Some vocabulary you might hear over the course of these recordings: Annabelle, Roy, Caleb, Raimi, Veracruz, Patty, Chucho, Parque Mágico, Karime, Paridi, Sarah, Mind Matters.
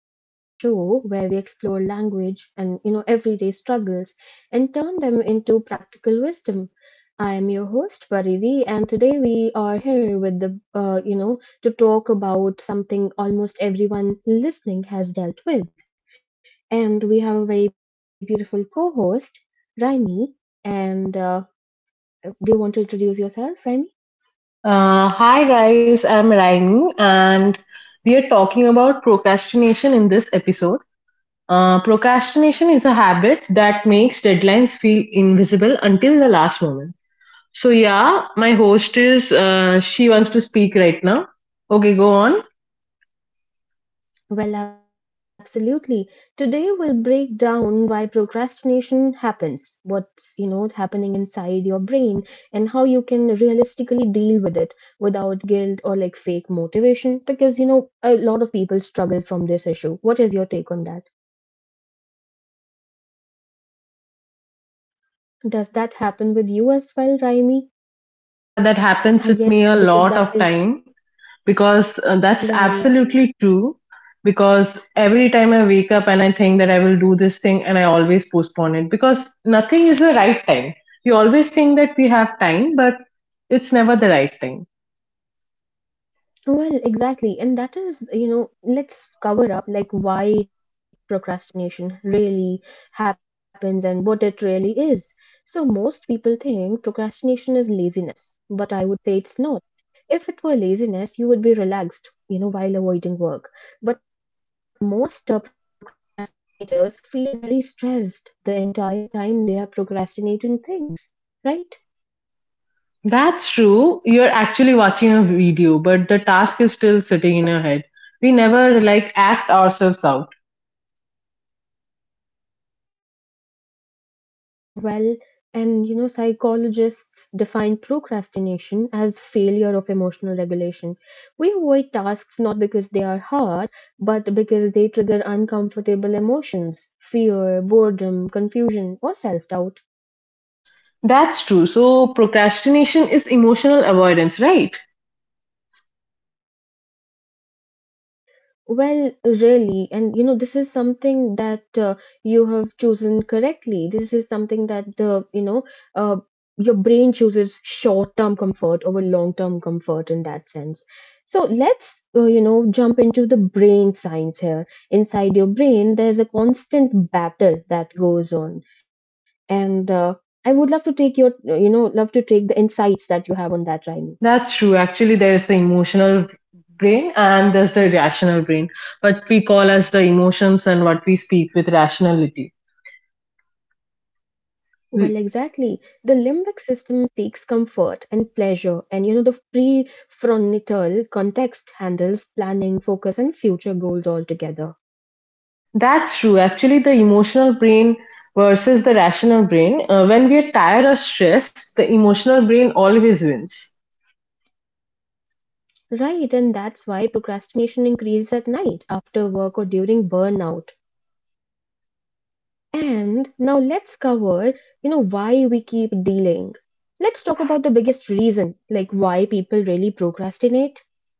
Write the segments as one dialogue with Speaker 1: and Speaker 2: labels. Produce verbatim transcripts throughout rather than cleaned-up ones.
Speaker 1: and welcome to Mind Matters, the show where we explore language and, you know, everyday struggles and turn them into practical wisdom. I am your host Paridi, and today we are here with the uh, you know, to talk about something almost everyone listening has dealt with, and we have a very beautiful co-host Raimi. And uh, do you want to introduce yourself, Raimi?
Speaker 2: Uh, hi guys, I'm Raimi, and we are talking about procrastination in this episode. Uh, procrastination is a habit that makes deadlines feel invisible until the last moment. So yeah, my host is uh, she wants to speak right now. Okay, go on.
Speaker 1: Well, absolutely. Today we'll break down why procrastination happens, what's, you know, happening inside your brain and how you can realistically deal with it without guilt or like fake motivation, because you know a lot of people struggle from this issue. What is your take on that? Does that happen with you as well, Raimi?
Speaker 2: Yeah, that happens
Speaker 1: I
Speaker 2: with me
Speaker 1: guess
Speaker 2: a
Speaker 1: because
Speaker 2: lot
Speaker 1: that
Speaker 2: of
Speaker 1: is
Speaker 2: time. Because uh, That's
Speaker 1: right.
Speaker 2: absolutely true, because every time I wake up and I think that I will do this thing and I always postpone it because nothing is the right time. We always think that we have time, but it's never the right time.
Speaker 1: Well, exactly. And that is, you know, let's cover up like why procrastination really happens and what it really is. So most people think procrastination is laziness, but I would say it's not. If it were laziness, you would be relaxed, you know, while avoiding work. But most uh, procrastinators feel very stressed the entire time they are procrastinating things, right?
Speaker 2: That's true. You're actually watching a video, but the task is still sitting in your head. We never like act ourselves out.
Speaker 1: Well, and you know, psychologists define procrastination as failure of emotional regulation. We avoid tasks not because they are hard, but because they trigger uncomfortable emotions, fear, boredom, confusion, or self doubt.
Speaker 2: That's true. So procrastination is emotional avoidance, right?
Speaker 1: Well, really, and you know, this is something that uh, you have chosen correctly. This is something that the, you know, uh, your brain chooses short-term comfort over long-term comfort in that sense. So let's, uh, you know, jump into the brain science here. Inside your brain, there's a constant battle that goes on, and uh, I would love to take your, you know, love to take the insights that you have on that, Raimi.
Speaker 2: That's true. Actually, there is the emotional brain and there's the rational brain, what we call as the emotions and what we speak with rationality.
Speaker 1: Well, exactly. The limbic system seeks comfort and pleasure, and you know, the prefrontal context handles planning, focus, and future goals altogether.
Speaker 2: That's true. Actually, the emotional brain versus the rational brain. Uh, when we are tired or stressed, the emotional brain always wins.
Speaker 1: Right, and that's why procrastination increases at night, after work, or during burnout. And now let's cover, you know, why we keep delaying. Let's talk about the biggest reason, like why people really procrastinate.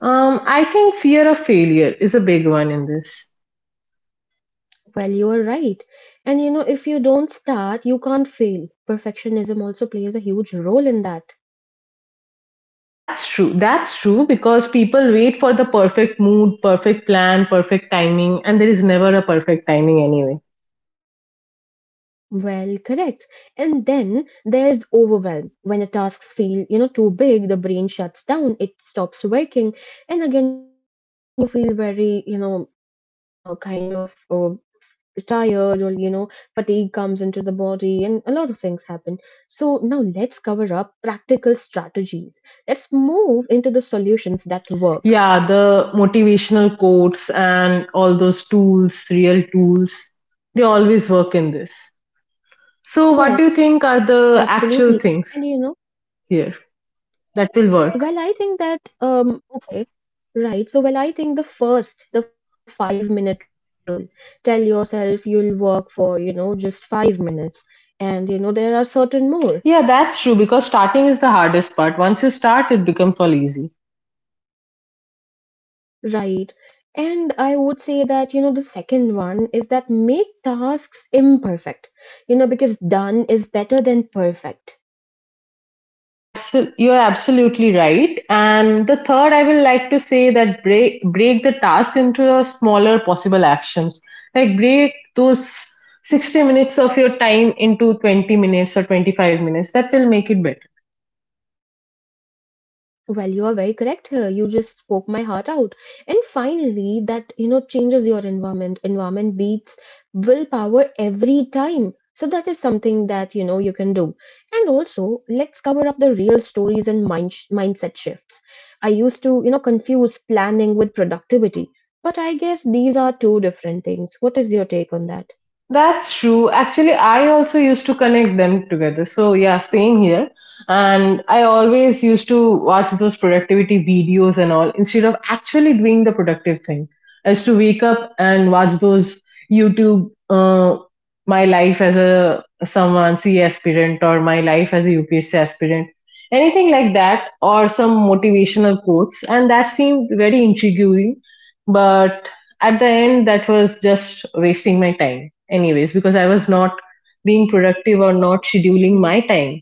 Speaker 2: Um, I think fear of failure is a big one in this.
Speaker 1: Well, you are right. And you know, if you don't start, you can't fail. Perfectionism also plays a huge role in that.
Speaker 2: That's true. That's true, because people wait for the perfect mood, perfect plan, perfect timing, and there is never a perfect timing anyway.
Speaker 1: Well, correct. And then there's overwhelm. When the tasks feel, you know, too big, the brain shuts down, it stops working. And again, you feel very, you know, uh, kind of uh, tired or, you know, fatigue comes into the body and a lot of things happen. So now let's cover up practical strategies. Let's move into the solutions that work.
Speaker 2: Yeah, the motivational quotes and all those tools, real tools, they always work in this.
Speaker 1: Yes.
Speaker 2: So, what do you think are
Speaker 1: Absolutely.
Speaker 2: the
Speaker 1: And you
Speaker 2: actual
Speaker 1: know,
Speaker 2: things here that
Speaker 1: well,
Speaker 2: will
Speaker 1: I
Speaker 2: work?
Speaker 1: think that, um, okay, right. So, well, I think the first, the five minute rule, tell yourself you'll work for, you know, just five minutes. And, you know, there are certain more,
Speaker 2: Yeah, that's true, because starting is the hardest part. Once you start, it becomes all easy.
Speaker 1: right? And I would say that, you know, the second one is that make tasks imperfect, you know, because done is better than perfect.
Speaker 2: Absol- you're absolutely right. And the third, I will like to say that break break the task into a smaller possible actions. Like break those sixty minutes of your time into twenty minutes or twenty-five minutes. That will make it better.
Speaker 1: Well, you are very correct here. You just spoke my heart out. And finally, that you know changes your environment. Environment beats willpower every time. So that is something that you know you can do. And also, let's cover up the real stories and mind sh- mindset shifts. I used to you know confuse planning with productivity, but I guess these are two different things. What is your take on that?
Speaker 2: That's true. Actually, I also used to connect them together. So, yeah, same here. And I always used to watch those productivity videos and all instead of actually doing the productive thing. I used to wake up and watch those YouTube, uh, my life as a someone C A aspirant or my life as a U P S C aspirant, anything like that, or some motivational quotes. And that seemed very intriguing. But at the end that was just wasting my time anyways, because I was not being productive or not scheduling my time.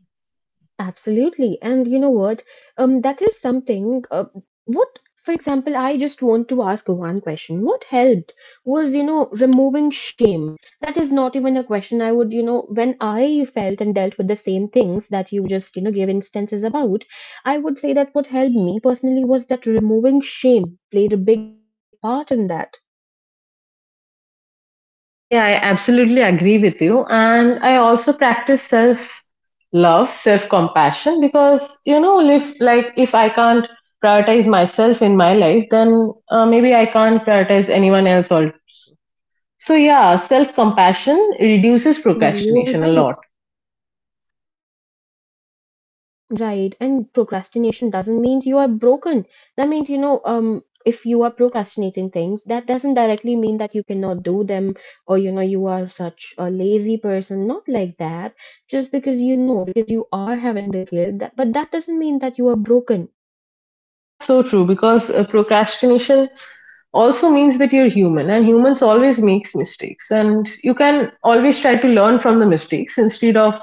Speaker 1: Absolutely. And you know what? Um, that is something. Uh, what, for example, I just want to ask one question. What helped was, you know, removing shame. That is not even a question I would, you know, when I felt and dealt with the same things that you just, you know, gave instances about, I would say that what helped me personally was that removing shame played a big part in that.
Speaker 2: Yeah, I absolutely agree with you, and I also practice self love, self compassion, because you know, if like if I can't prioritize myself in my life, then uh, maybe I can't prioritize anyone else also. So yeah, self compassion
Speaker 1: Well, you
Speaker 2: reduces
Speaker 1: are right.
Speaker 2: procrastination a lot.
Speaker 1: Right, and procrastination doesn't mean you are broken. That means, you know, um, if you are procrastinating things, that doesn't directly mean that you cannot do them or, you know, you are such a lazy person. Not like that. Just because you know, because you are having the guilt, that, but that doesn't mean that you are broken.
Speaker 2: That's so true, because uh, procrastination also means that you're human, and humans always makes mistakes, and you can always try to learn from the mistakes instead of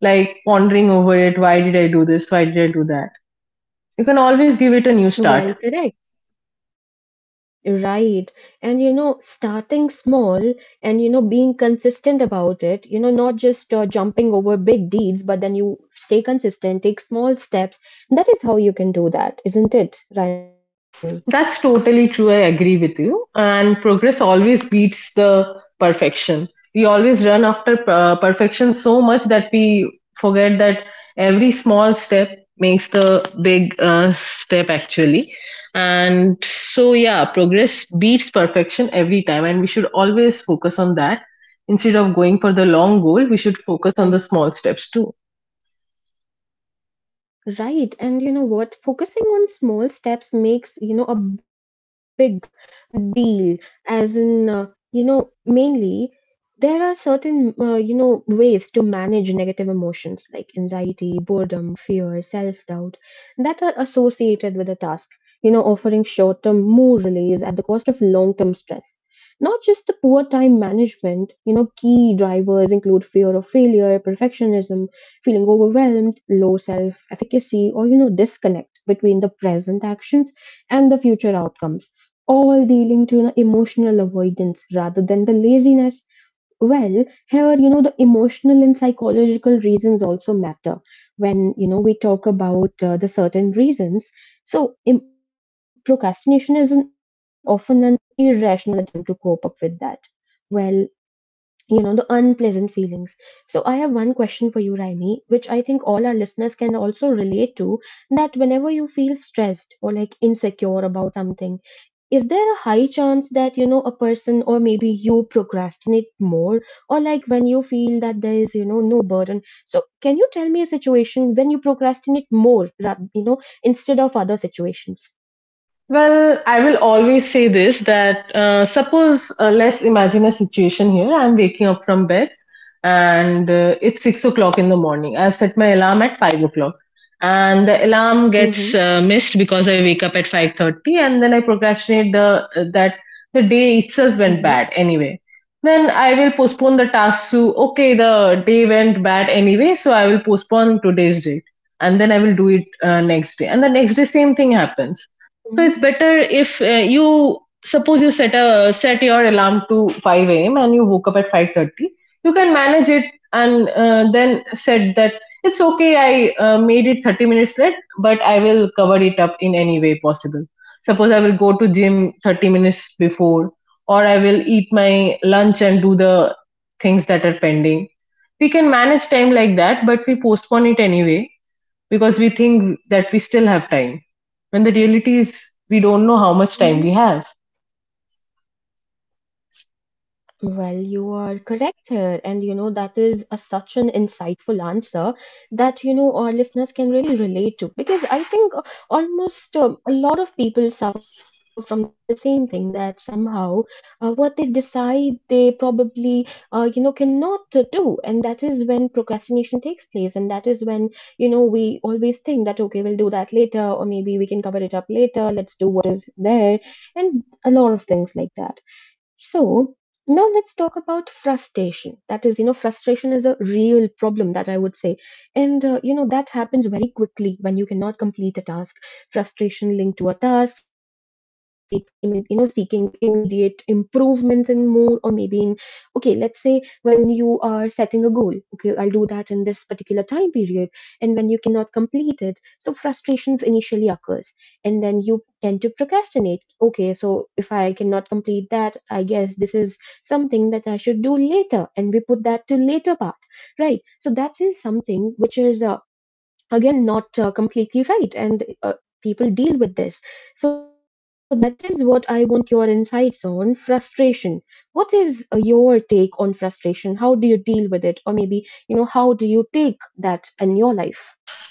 Speaker 2: like pondering over it, why did I do this, why did I do that. You can always give it a new start.
Speaker 1: Well, correct. Right. And you know, starting small and you know, being consistent about it, you know, not just uh, jumping over big deeds, but then you stay consistent, take small steps. That is how you can do that, isn't it, Raimi?
Speaker 2: That's totally true. I agree with you. And progress always beats the perfection. We always run after uh, perfection so much that we forget that every small step makes the big uh, step actually. And so, yeah, progress beats perfection every time. And we should always focus on that. Instead of going for the long goal, we should focus on the small steps too.
Speaker 1: Right. And you know what? Focusing on small steps makes, you know, a big deal. As in, uh, you know, mainly there are certain, uh, you know, ways to manage negative emotions like anxiety, boredom, fear, self doubt that are associated with a task, you know, offering short term mood relief at the cost of long term stress. Not just the poor time management, you know, key drivers include fear of failure, perfectionism, feeling overwhelmed, low self self efficacy, or you know disconnect between the present actions and the future outcomes, all dealing to the emotional avoidance rather than the laziness. Well, here, you know, the emotional and psychological reasons also matter when you know we talk about uh, the certain reasons. So im- procrastination is an, often an irrational attempt to cope up with that. Well, you know, the unpleasant feelings. So I have one question for you, Raimi, which I think all our listeners can also relate to, that whenever you feel stressed or like insecure about something, is there a high chance that you know a person or maybe you procrastinate more, or like when you feel that there is you know no burden? So can you tell me a situation when you procrastinate more ra- you know, instead of other situations?
Speaker 2: Well, I will always say this that uh, suppose uh, let's imagine a situation here. I'm waking up from bed, and uh, it's six o'clock in the morning. I've set my alarm at five o'clock, and the alarm gets uh,
Speaker 1: Mhm.
Speaker 2: missed because I wake up at five thirty, and then I procrastinate the that the day itself
Speaker 1: Mhm.
Speaker 2: went bad anyway. Then I will postpone the task to okay, the day went bad anyway, so I will postpone today's date, and then I will do it uh, next day, and the next day same thing happens. So it's better
Speaker 1: Mhm.
Speaker 2: if uh, you suppose you set a set your alarm to five a m and you woke up at five thirty. You can manage it and uh, then said that it's okay. I uh, made it thirty minutes late, but I will cover it up in any way possible. Suppose I will go to gym thirty minutes before, or I will eat my lunch and do the things that are pending. We can manage time like that, but we postpone it anyway, because we think that we still have time, when the reality is we don't know how much
Speaker 1: Mhm.
Speaker 2: time we have.
Speaker 1: Well, you are correct here, and you know that is a, such an insightful answer that you know our listeners can really relate to, because I think uh, almost um a lot of people suffer from the same thing, that somehow uh, what they decide they probably uh, you know cannot to do, and that is when procrastination takes place, and that is when you know we always think that okay we'll do that later, or maybe we can cover it up later. Let's do what is there, and a lot of things like that. So now let's talk about frustration. That is, you know, frustration is a real problem that I would say. And, uh, you know, that happens very quickly when you cannot complete a task. Frustration linked to a task, seek, imme- you know, seeking immediate improvements in more, or maybe in, okay, let's say when you are setting a goal, okay, I'll do that in this particular time period. And when you cannot complete it, so frustrations initially occurs, and then you tend to procrastinate. Okay, so if I cannot complete that, I guess this is something that I should do later, and we put that to later part, right? So that is something which is uh, again not uh, completely right, and uh, people deal with this. So that is what I want your insights on frustration. What is uh, your take on frustration? How do you deal with it, or maybe you know how do you take that in your life?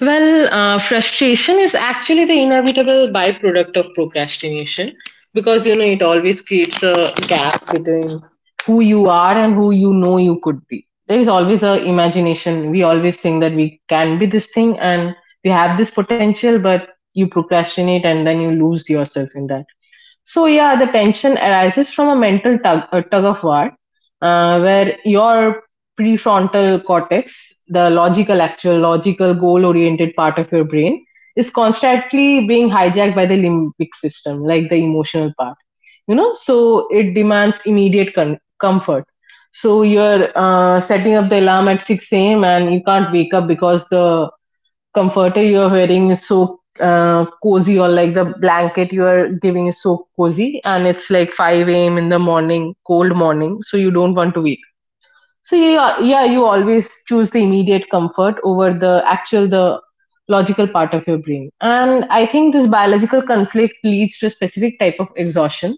Speaker 2: Well, uh, Frustration is actually the inevitable byproduct of procrastination, because you know it always creates a gap between who you are and who you know you could be. There is always a imagination. We always think that we can be this thing and we have this potential, but you procrastinate and then you lose yourself in that. So yeah, the tension arises from a mental tug, a tug of war, uh, where your prefrontal cortex, the logical, actual, logical, goal-oriented part of your brain, is constantly being hijacked by the limbic system, like the emotional part. You know, so it demands immediate con- comfort. So you're uh, setting up the alarm at six a m and you can't wake up because the comforter you are wearing is so uh, cozy, or like the blanket you are giving is so cozy, and it's like five a m in the morning, cold morning, so you don't want to wake. So yeah, yeah, you always choose the immediate comfort over the actual the logical part of your brain. And I think this biological conflict leads to a specific type of exhaustion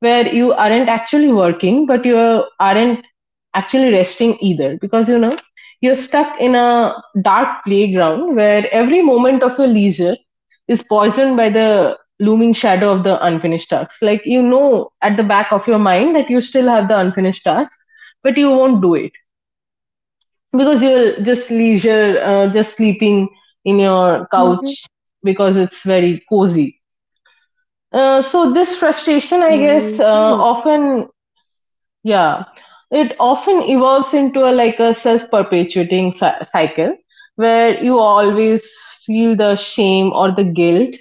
Speaker 2: where you aren't actually working, but you aren't actually resting either, because you know you're stuck in a dark playground where every moment of your leisure is poisoned by the looming shadow of the unfinished tasks. Like you know at the back of your mind that you still have the unfinished task, but you won't do it because you're just leisure, uh, just sleeping in your couch
Speaker 1: Hmm.
Speaker 2: because it's very cozy. Uh, so this frustration, I guess, uh,
Speaker 1: Well. Hi.
Speaker 2: often yeah, it often evolves into a like a self-perpetuating cy- cycle where you always feel the shame or the guilt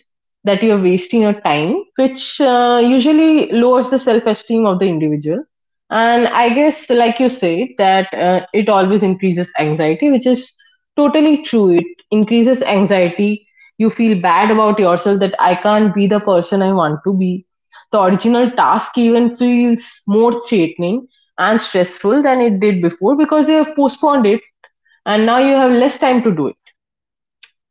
Speaker 2: that you're wasting your time, which uh, usually lowers the self-esteem of the individual. And I guess, like you said, that uh, it always increases anxiety, which is totally true. It increases anxiety. You feel bad about yourself that I can't be the person I want to be. The original task even feels more threatening and stressful than it did before, because you have postponed it and now you have less time to do it.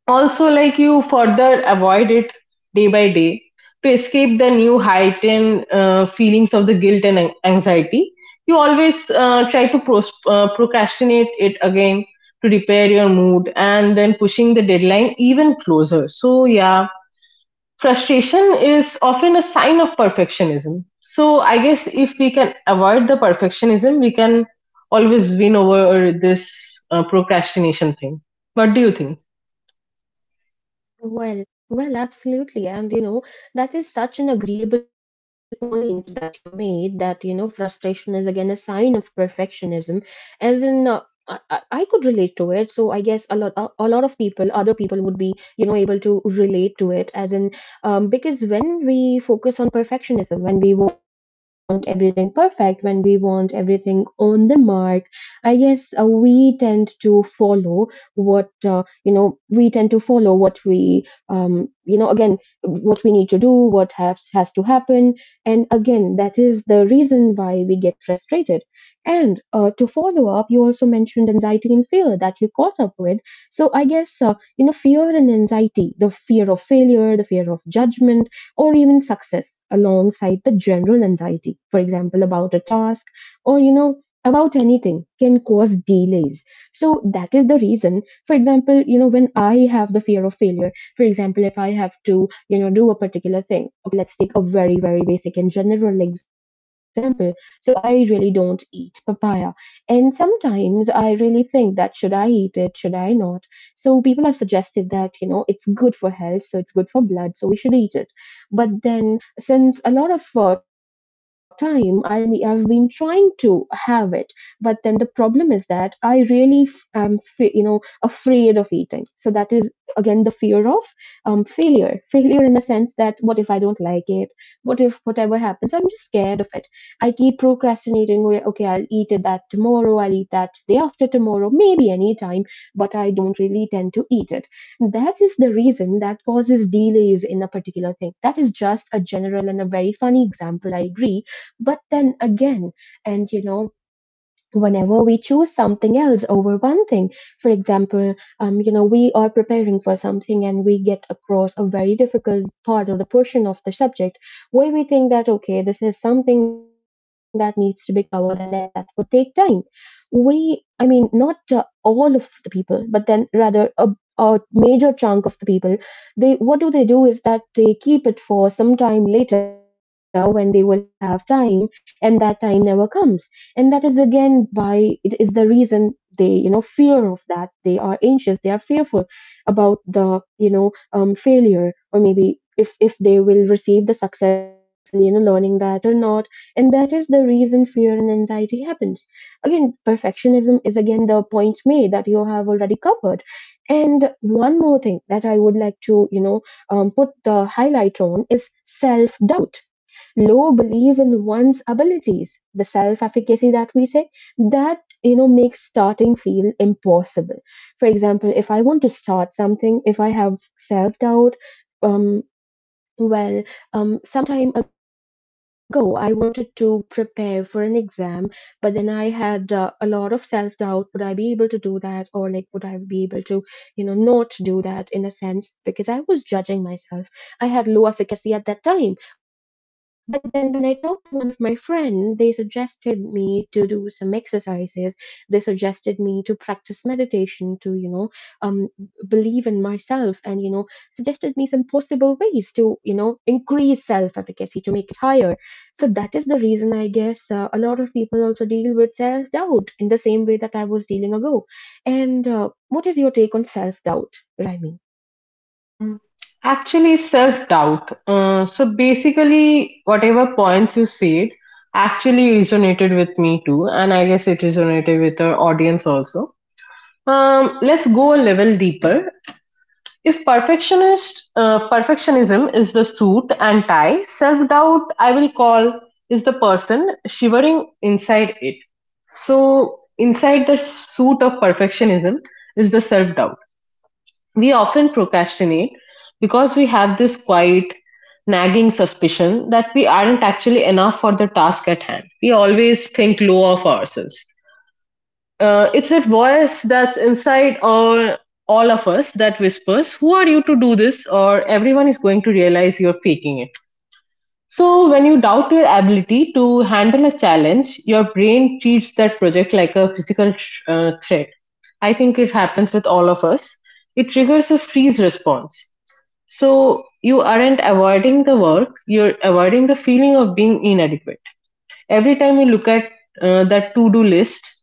Speaker 2: Also, like you further avoid it day by day to escape the new heightened uh, feelings of the guilt and an- anxiety. You always uh, try to pros- uh, procrastinate it again to repair your mood and then pushing the deadline even closer. So, yeah, frustration is often a sign of perfectionism. So I guess if we can avoid the perfectionism, we can always win over this uh, procrastination thing. What do you think?
Speaker 1: Well, well, absolutely. And you know, that is such an agreeable point that you made, that, you know, frustration is again a sign of perfectionism. As in, uh, I, I I could relate to it. So I guess a lot, a, a lot of people, other people would be, you know, able to relate to it. As in, um, because when we focus on perfectionism, when we want everything perfect, when we want everything on the mark, I guess uh, we tend to follow what, uh, you know, we tend to follow what we, um, you know again, what we need to do, what has has to happen. And again, that is the reason why we get frustrated. And uh, to follow up, you also mentioned anxiety and fear that you caught up with. So I guess uh, you know, fear and anxiety, the fear of failure, the fear of judgment, or even success alongside the general anxiety, for example, about a task or you know about anything, can cause delays. So that is the reason. For example, you know, when I have the fear of failure, for example, if I have to, you know, do a particular thing, okay, let's take a very, very basic and general example. So I really don't eat papaya. And sometimes I really think that should I eat it? Should I not? So people have suggested that, you know, it's good for health, so it's good for blood, so we should eat it. But then since a lot of uh, time I me- I've been trying to have it, but then the problem is that I really f- am, f- you know, afraid of eating. So that is again the fear of um failure failure in the sense that, what if I don't like it? What if whatever happens? I'm just scared of it. I keep procrastinating. Okay, I'll eat that tomorrow, I'll eat that day after tomorrow, maybe anytime, but I don't really tend to eat it. That is the reason that causes delays in a particular thing. That is just a general and a very funny example, I agree. But then again, and you know whenever we choose something else over one thing. For example, um, you know we are preparing for something and we get across a very difficult part or the portion of the subject where we think that, okay, this is something that needs to be covered and that that would take time. We I mean Not uh, all of the people, but then rather a, a major chunk of the people. They, what do they do is that they keep it for some time later when they will have time, and that time never comes. And that is again, by it is the reason they, you know, fear of that. They are anxious, they are fearful about the, you know, um, failure, or maybe if if they will receive the success and, you know, learning that or not. And that is the reason fear and anxiety happens. Again, perfectionism is again the point made that you have already covered. And one more thing that I would like to, you know, um, put the highlight on is self doubt. Low belief in one's abilities, the self-efficacy that we say, that, you know, makes starting feel impossible. For example, if I want to start something, if I have self-doubt, um, well, um, some time ago, I wanted to prepare for an exam, but then I had uh, a lot of self-doubt. Would I be able to do that? Or like, would I be able to, you know, not do that in a sense? Because I was judging myself. I had low efficacy at that time. But then when I talked to one of my friend, they suggested me to do some exercises. They suggested me to practice meditation, to, you know, um, believe in myself, and, you know, suggested me some possible ways to, you know, increase self efficacy to make it higher. So that is the reason, I guess, uh, a lot of people also deal with self doubt in the same way that I was dealing ago. And uh, what is your take on self doubt?
Speaker 2: Mm. Actually, self doubt. Uh, so basically, whatever points you said actually resonated with me too, and I guess it resonated with our audience also. Um, let's go a level deeper. If perfectionist uh, perfectionism is the suit and tie, self-doubt I will call is the person shivering inside it. So inside the suit of perfectionism is the self-doubt. We often procrastinate because we have this quiet nagging suspicion that we aren't actually enough for the task at hand. We always think low of ourselves. Uh, it's that voice that's inside all, all of us that whispers, "Who are you to do this?" or "Everyone is going to realize you're faking it." So, when you doubt your ability to handle a challenge, your brain treats that project like a physical sh- uh, threat. I think it happens with all of us. It triggers a freeze response. So, you aren't avoiding the work, you're avoiding the feeling of being inadequate. Every time you look at uh, that to do list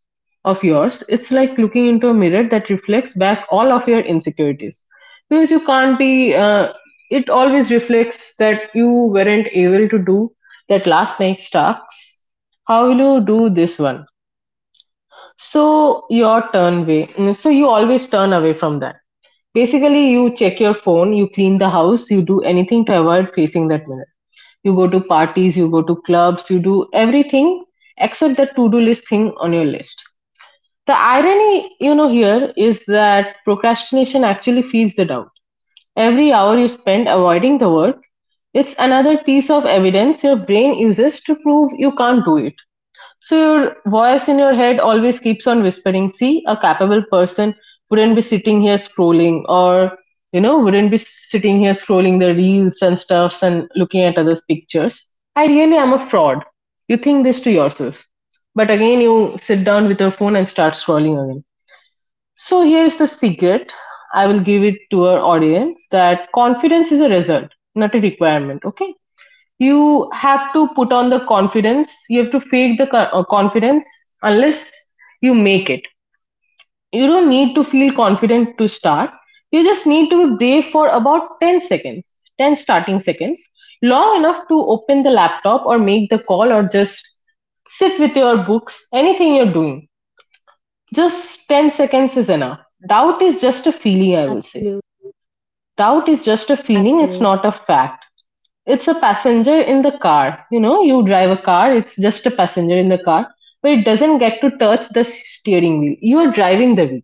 Speaker 2: of yours, it's like looking into a mirror that reflects back all of your insecurities. Because you can't be, uh, it always reflects that you weren't able to do that last night's tasks. How will you do this one? So, your turn way. mm, So, you always turn away from that. Basically, you check your phone, you clean the house, you do anything to avoid facing that mirror. You go to parties, you go to clubs, you do everything except that to do list thing on your list. The irony, you know, here is that procrastination actually feeds the doubt. Every hour you spend avoiding the work, it's another piece of evidence your brain uses to prove you can't do it. So your voice in your head always keeps on whispering, see, a capable person wouldn't be sitting here scrolling or, you know, wouldn't be sitting here scrolling the reels and stuffs and looking at others' pictures. I really am a fraud. You think this to yourself. But again, you sit down with your phone and start scrolling again. So here's the secret I will give it to our audience that confidence is a result, not a requirement, okay? You have to put on the confidence. You have to fake the co- uh, confidence unless you make it. You don't need to feel confident to start. You just need to be brave for about ten seconds, ten starting seconds, long enough to open the laptop or make the call or just sit with your books, anything you're doing. Just ten seconds is enough. Doubt is just a feeling, I will say.
Speaker 1: Absolutely.
Speaker 2: Doubt is just a feeling, it's not a
Speaker 1: Absolutely.
Speaker 2: fact. It's a passenger in the car. You know, you drive a car, it's just a passenger in the car, but it doesn't get to touch the steering wheel. You are driving the wheel,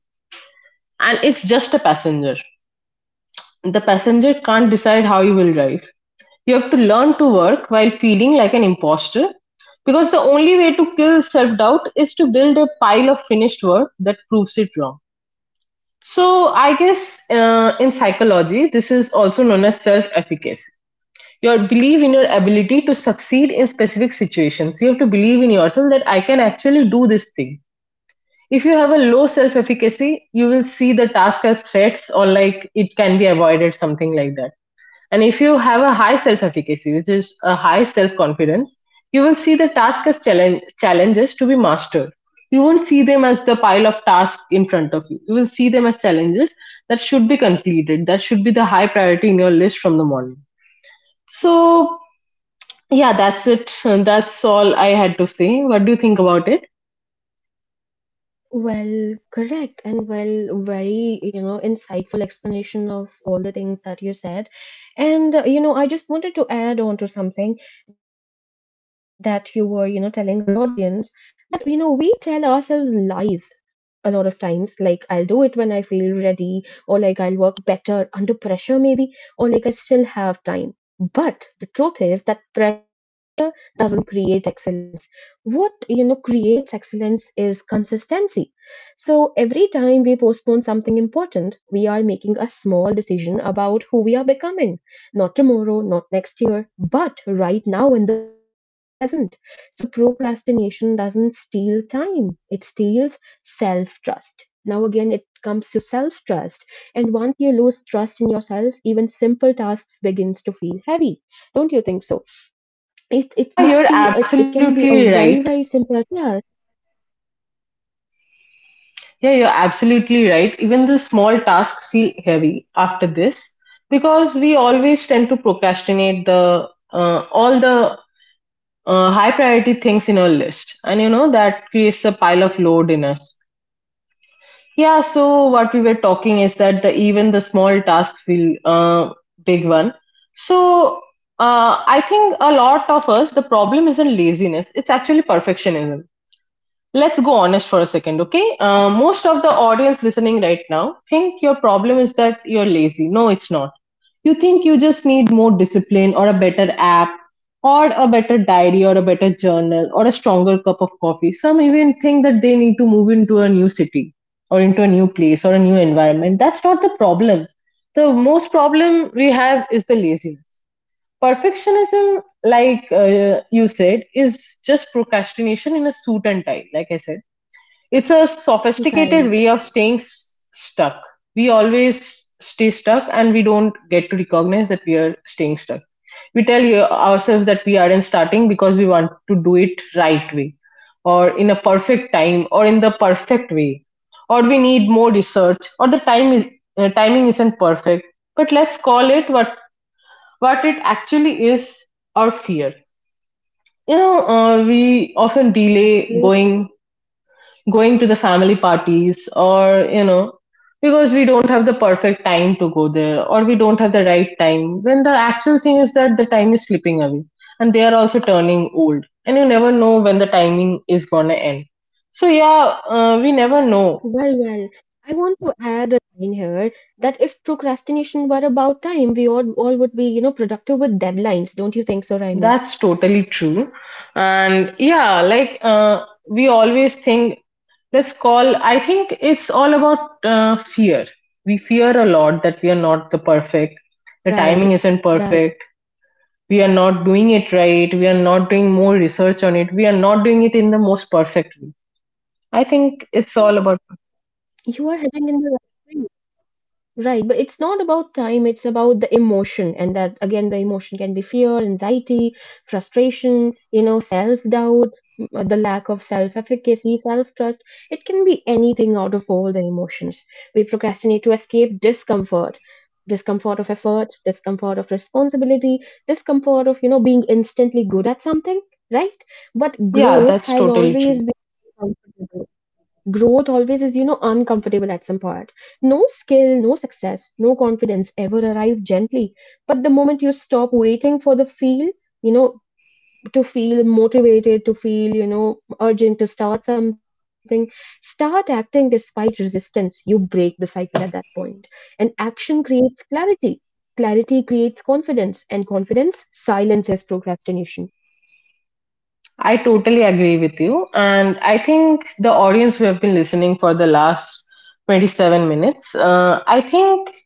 Speaker 2: and it's just a passenger. The passenger can't decide how you will drive. You have to learn to work while feeling like an imposter, because the only way to kill self doubt is to build a pile of finished work that proves it wrong. So, I guess uh, in psychology, this is also known as self efficacy. Your belief in your ability to succeed in specific situations. You have to believe in yourself that I can actually do this thing. If you have a low self efficacy, you will see the task as threats or like it can be avoided, something like that. And if you have a high self efficacy, which is a high self confidence, you will see the task as challenge, challenges to be mastered. You won't see them as the pile of tasks in front of you. You will see them as challenges that should be completed, that should be the high priority in your list from the morning. So yeah, that's it. That's all I had to say. What do you think about it?
Speaker 1: Well, correct, and well, very, you know, insightful explanation of all the things that you said. And, uh, you know, I just wanted to add on to something that you were, you know, telling our audience, that, you know, we tell ourselves lies a lot of times, like, I'll do it when I feel ready, or like, I'll work better under pressure, maybe, or like, I still have time. But the truth is that pressure doesn't create excellence. What, you know, creates excellence is consistency. So every time we postpone something important, we are making a small decision about who we are becoming. Not tomorrow, not next year, but right now in the present. So procrastination doesn't steal time, it steals self trust. Now, again, it comes to self trust. And once you lose trust in yourself, even simple tasks begins to feel heavy. Don't you think so? It, it must
Speaker 2: Yeah,
Speaker 1: be,
Speaker 2: you're
Speaker 1: it, it can be a
Speaker 2: absolutely
Speaker 1: very,
Speaker 2: right.
Speaker 1: very simple task.
Speaker 2: Yeah, you're absolutely right. Even the small tasks feel heavy after this, because we always tend to procrastinate the uh, all the uh, high priority things in our list, and you know that creates a pile of load in us. Yeah, so what we were talking is that the even the small tasks feel uh, big one. So uh, I think a lot of us, the problem isn't laziness, it's actually perfectionism. Let's go honest for a second, okay? Uh, most of the audience listening right now think your problem is that you're lazy. No, it's not. You think you just need more discipline or a better app or a better diary or a better journal or a stronger cup of coffee. Some even think that they need to move into a new city or into a new place or a new environment. That's not the problem. The most problem we have is the laziness. Perfectionism, like uh, you said, is just procrastination in a suit and tie, like I said. It's a sophisticated way of
Speaker 1: Right.
Speaker 2: staying s- stuck. We always stay stuck and we don't get to recognize that we are staying stuck. We tell you- ourselves that we aren't starting because we want to do it right way or in a perfect time or in the perfect way, or we need more research, or the time is uh, timing isn't perfect. But let's call it what what it actually is: our fear. You know, uh, we often delay
Speaker 1: Absolutely.
Speaker 2: going going to the family parties or you know, because we don't have the perfect time to go there or we don't have the right time, when the actual thing is that the time is slipping away and they are also turning old and you never know when the timing is gonna end. So yeah, uh, we never know.
Speaker 1: Well, well, I want to add a line here that if procrastination were about time, we all, all would be, you know, productive with deadlines. Don't you think so,
Speaker 2: That's
Speaker 1: Raimi?
Speaker 2: totally true. And yeah, like uh, we always think, let's call, I think it's all about uh, fear. We fear a lot that we are not the perfect, the timing isn't
Speaker 1: Right,
Speaker 2: perfect,
Speaker 1: right.
Speaker 2: we are not doing it right, we are not doing more research on it, we are not doing it in the most perfect way. I think it's all about.
Speaker 1: You are heading in the right way. Right, but it's not about time, it's about the emotion. And that again, the emotion can be fear, anxiety, frustration, you know, self doubt, the lack of self efficacy, self trust. It can be anything out of all the emotions. We procrastinate to escape discomfort, discomfort of effort, discomfort of responsibility, discomfort of, you know, being instantly good at something, right? But
Speaker 2: Yeah,
Speaker 1: growth
Speaker 2: that's
Speaker 1: has
Speaker 2: totally
Speaker 1: always
Speaker 2: true.
Speaker 1: been uncomfortable. Growth always is, you know, uncomfortable at some part. No skill, no success, no confidence ever arrive gently. But the moment you stop waiting for the feel, you know, to feel motivated, to feel, you know, urgent to start something, start acting despite resistance, you break the cycle at that point point. And action creates clarity, clarity creates confidence, and confidence silences procrastination.
Speaker 2: I totally agree with you, and I think the audience who have been listening for the last twenty-seven minutes, uh, I think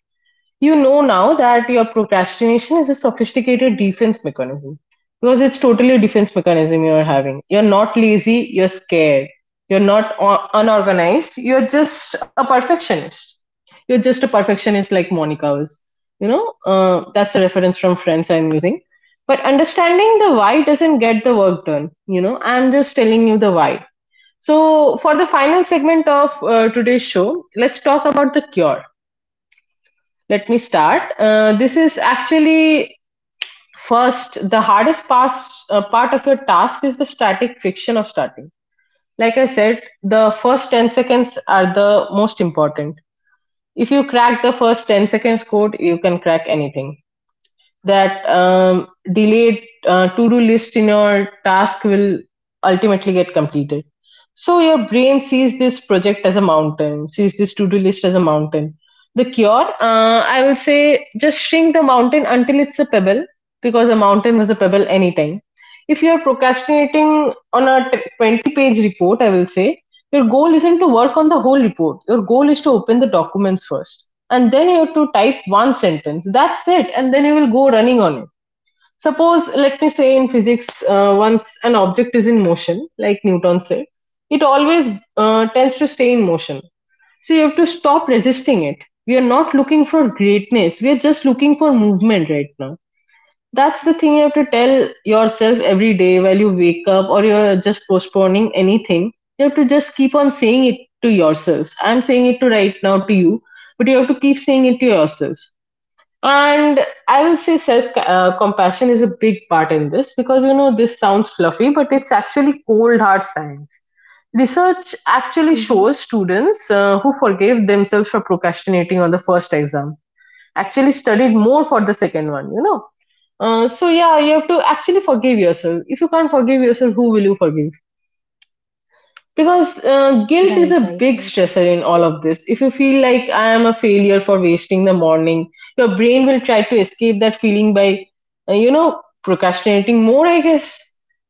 Speaker 2: you know now that your procrastination is a sophisticated defense mechanism, because it's totally a defense mechanism you're having. You're not lazy, you're scared. You're not o- unorganized, you're just a perfectionist. You're just a perfectionist like Monica was. You know, uh, that's a reference from Friends I'm using. But understanding the why doesn't get the work done. You know, I'm just telling you the why. So, for the final segment of uh, today's show, let's talk about the cure. Let me start. Uh, this is actually first the hardest pass, uh, part of your task is the static friction of starting. Like I said, the first ten seconds are the most important. If you crack the first ten seconds code, you can crack anything. That um, delayed uh, to-do list in your task will ultimately get completed. So your brain sees this project as a mountain, sees this to-do list as a mountain. The cure, uh, I will say, just shrink the mountain until it's a pebble, because a mountain was a pebble anytime. If you are procrastinating on a t- twenty-page report, I will say, your goal isn't to work on the whole report. Your goal is to open the documents first. And then you have to type one sentence. That's it. And then you will go running on it. Suppose, let me say in physics, uh, once an object is in motion, like Newton said, it always uh, tends to stay in motion. So you have to stop resisting it. We are not looking for greatness. We are just looking for movement right now. That's the thing you have to tell yourself every day while you wake up or you're just postponing anything. You have to just keep on saying it to yourselves. I'm saying it to right now to you, but you have to keep saying it to yourselves. And I will say self uh, compassion is a big part in this, because you know this sounds fluffy, but it's actually cold hard science. Research actually
Speaker 1: Mm-hmm.
Speaker 2: shows students uh, who forgave themselves for procrastinating on the first exam actually studied more for the second one, you know. Uh, so yeah, you have to actually forgive yourself. If you can't forgive yourself, who will you forgive? Because
Speaker 1: Right, right,
Speaker 2: uh,
Speaker 1: right.
Speaker 2: guilt is a big stressor in all of this. If you feel like I am a failure for wasting the morning, your brain will try to escape that feeling by, uh, you know, procrastinating more, I guess.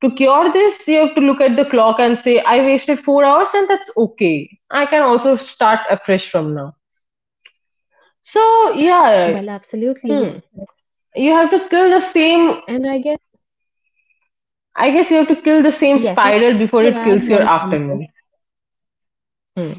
Speaker 2: To cure this, you have to look at the clock and say, I wasted four hours and that's okay. I can also start afresh from now. So,
Speaker 1: Well,
Speaker 2: yeah,
Speaker 1: absolutely.
Speaker 2: hmm. You have to kill the same,
Speaker 1: And I guess,
Speaker 2: I guess you have to kill the same
Speaker 1: yes, I
Speaker 2: spiral before
Speaker 1: have to
Speaker 2: it
Speaker 1: add
Speaker 2: kills your
Speaker 1: on something.
Speaker 2: afternoon. Hmm.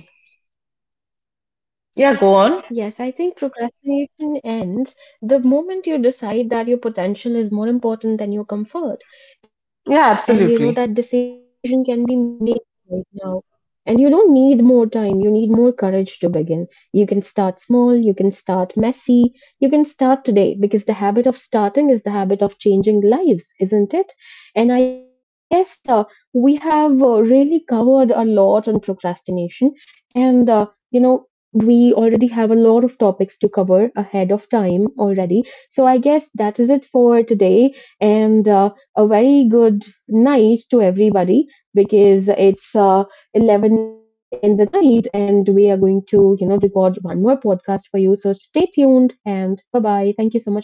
Speaker 2: Yeah, go on.
Speaker 1: Yes, I think procrastination ends the moment you decide that your potential is more important than your comfort. And you know
Speaker 2: Yeah,
Speaker 1: that decision
Speaker 2: absolutely.
Speaker 1: can be made right now. And you don't need more time, you need more courage to begin. You can start small, you can start messy, you can start today, because the habit of starting is the habit of changing lives, isn't it? And I guess uh, we have uh, really covered a lot on procrastination. And uh, you know, we already have a lot of topics to cover ahead of time already. So I guess that is it for today. And uh, a very good night to everybody, because it's uh, eleven in the night, and we are going to, you know, record one more podcast for you. So stay tuned, and bye bye. Thank you so much for listening.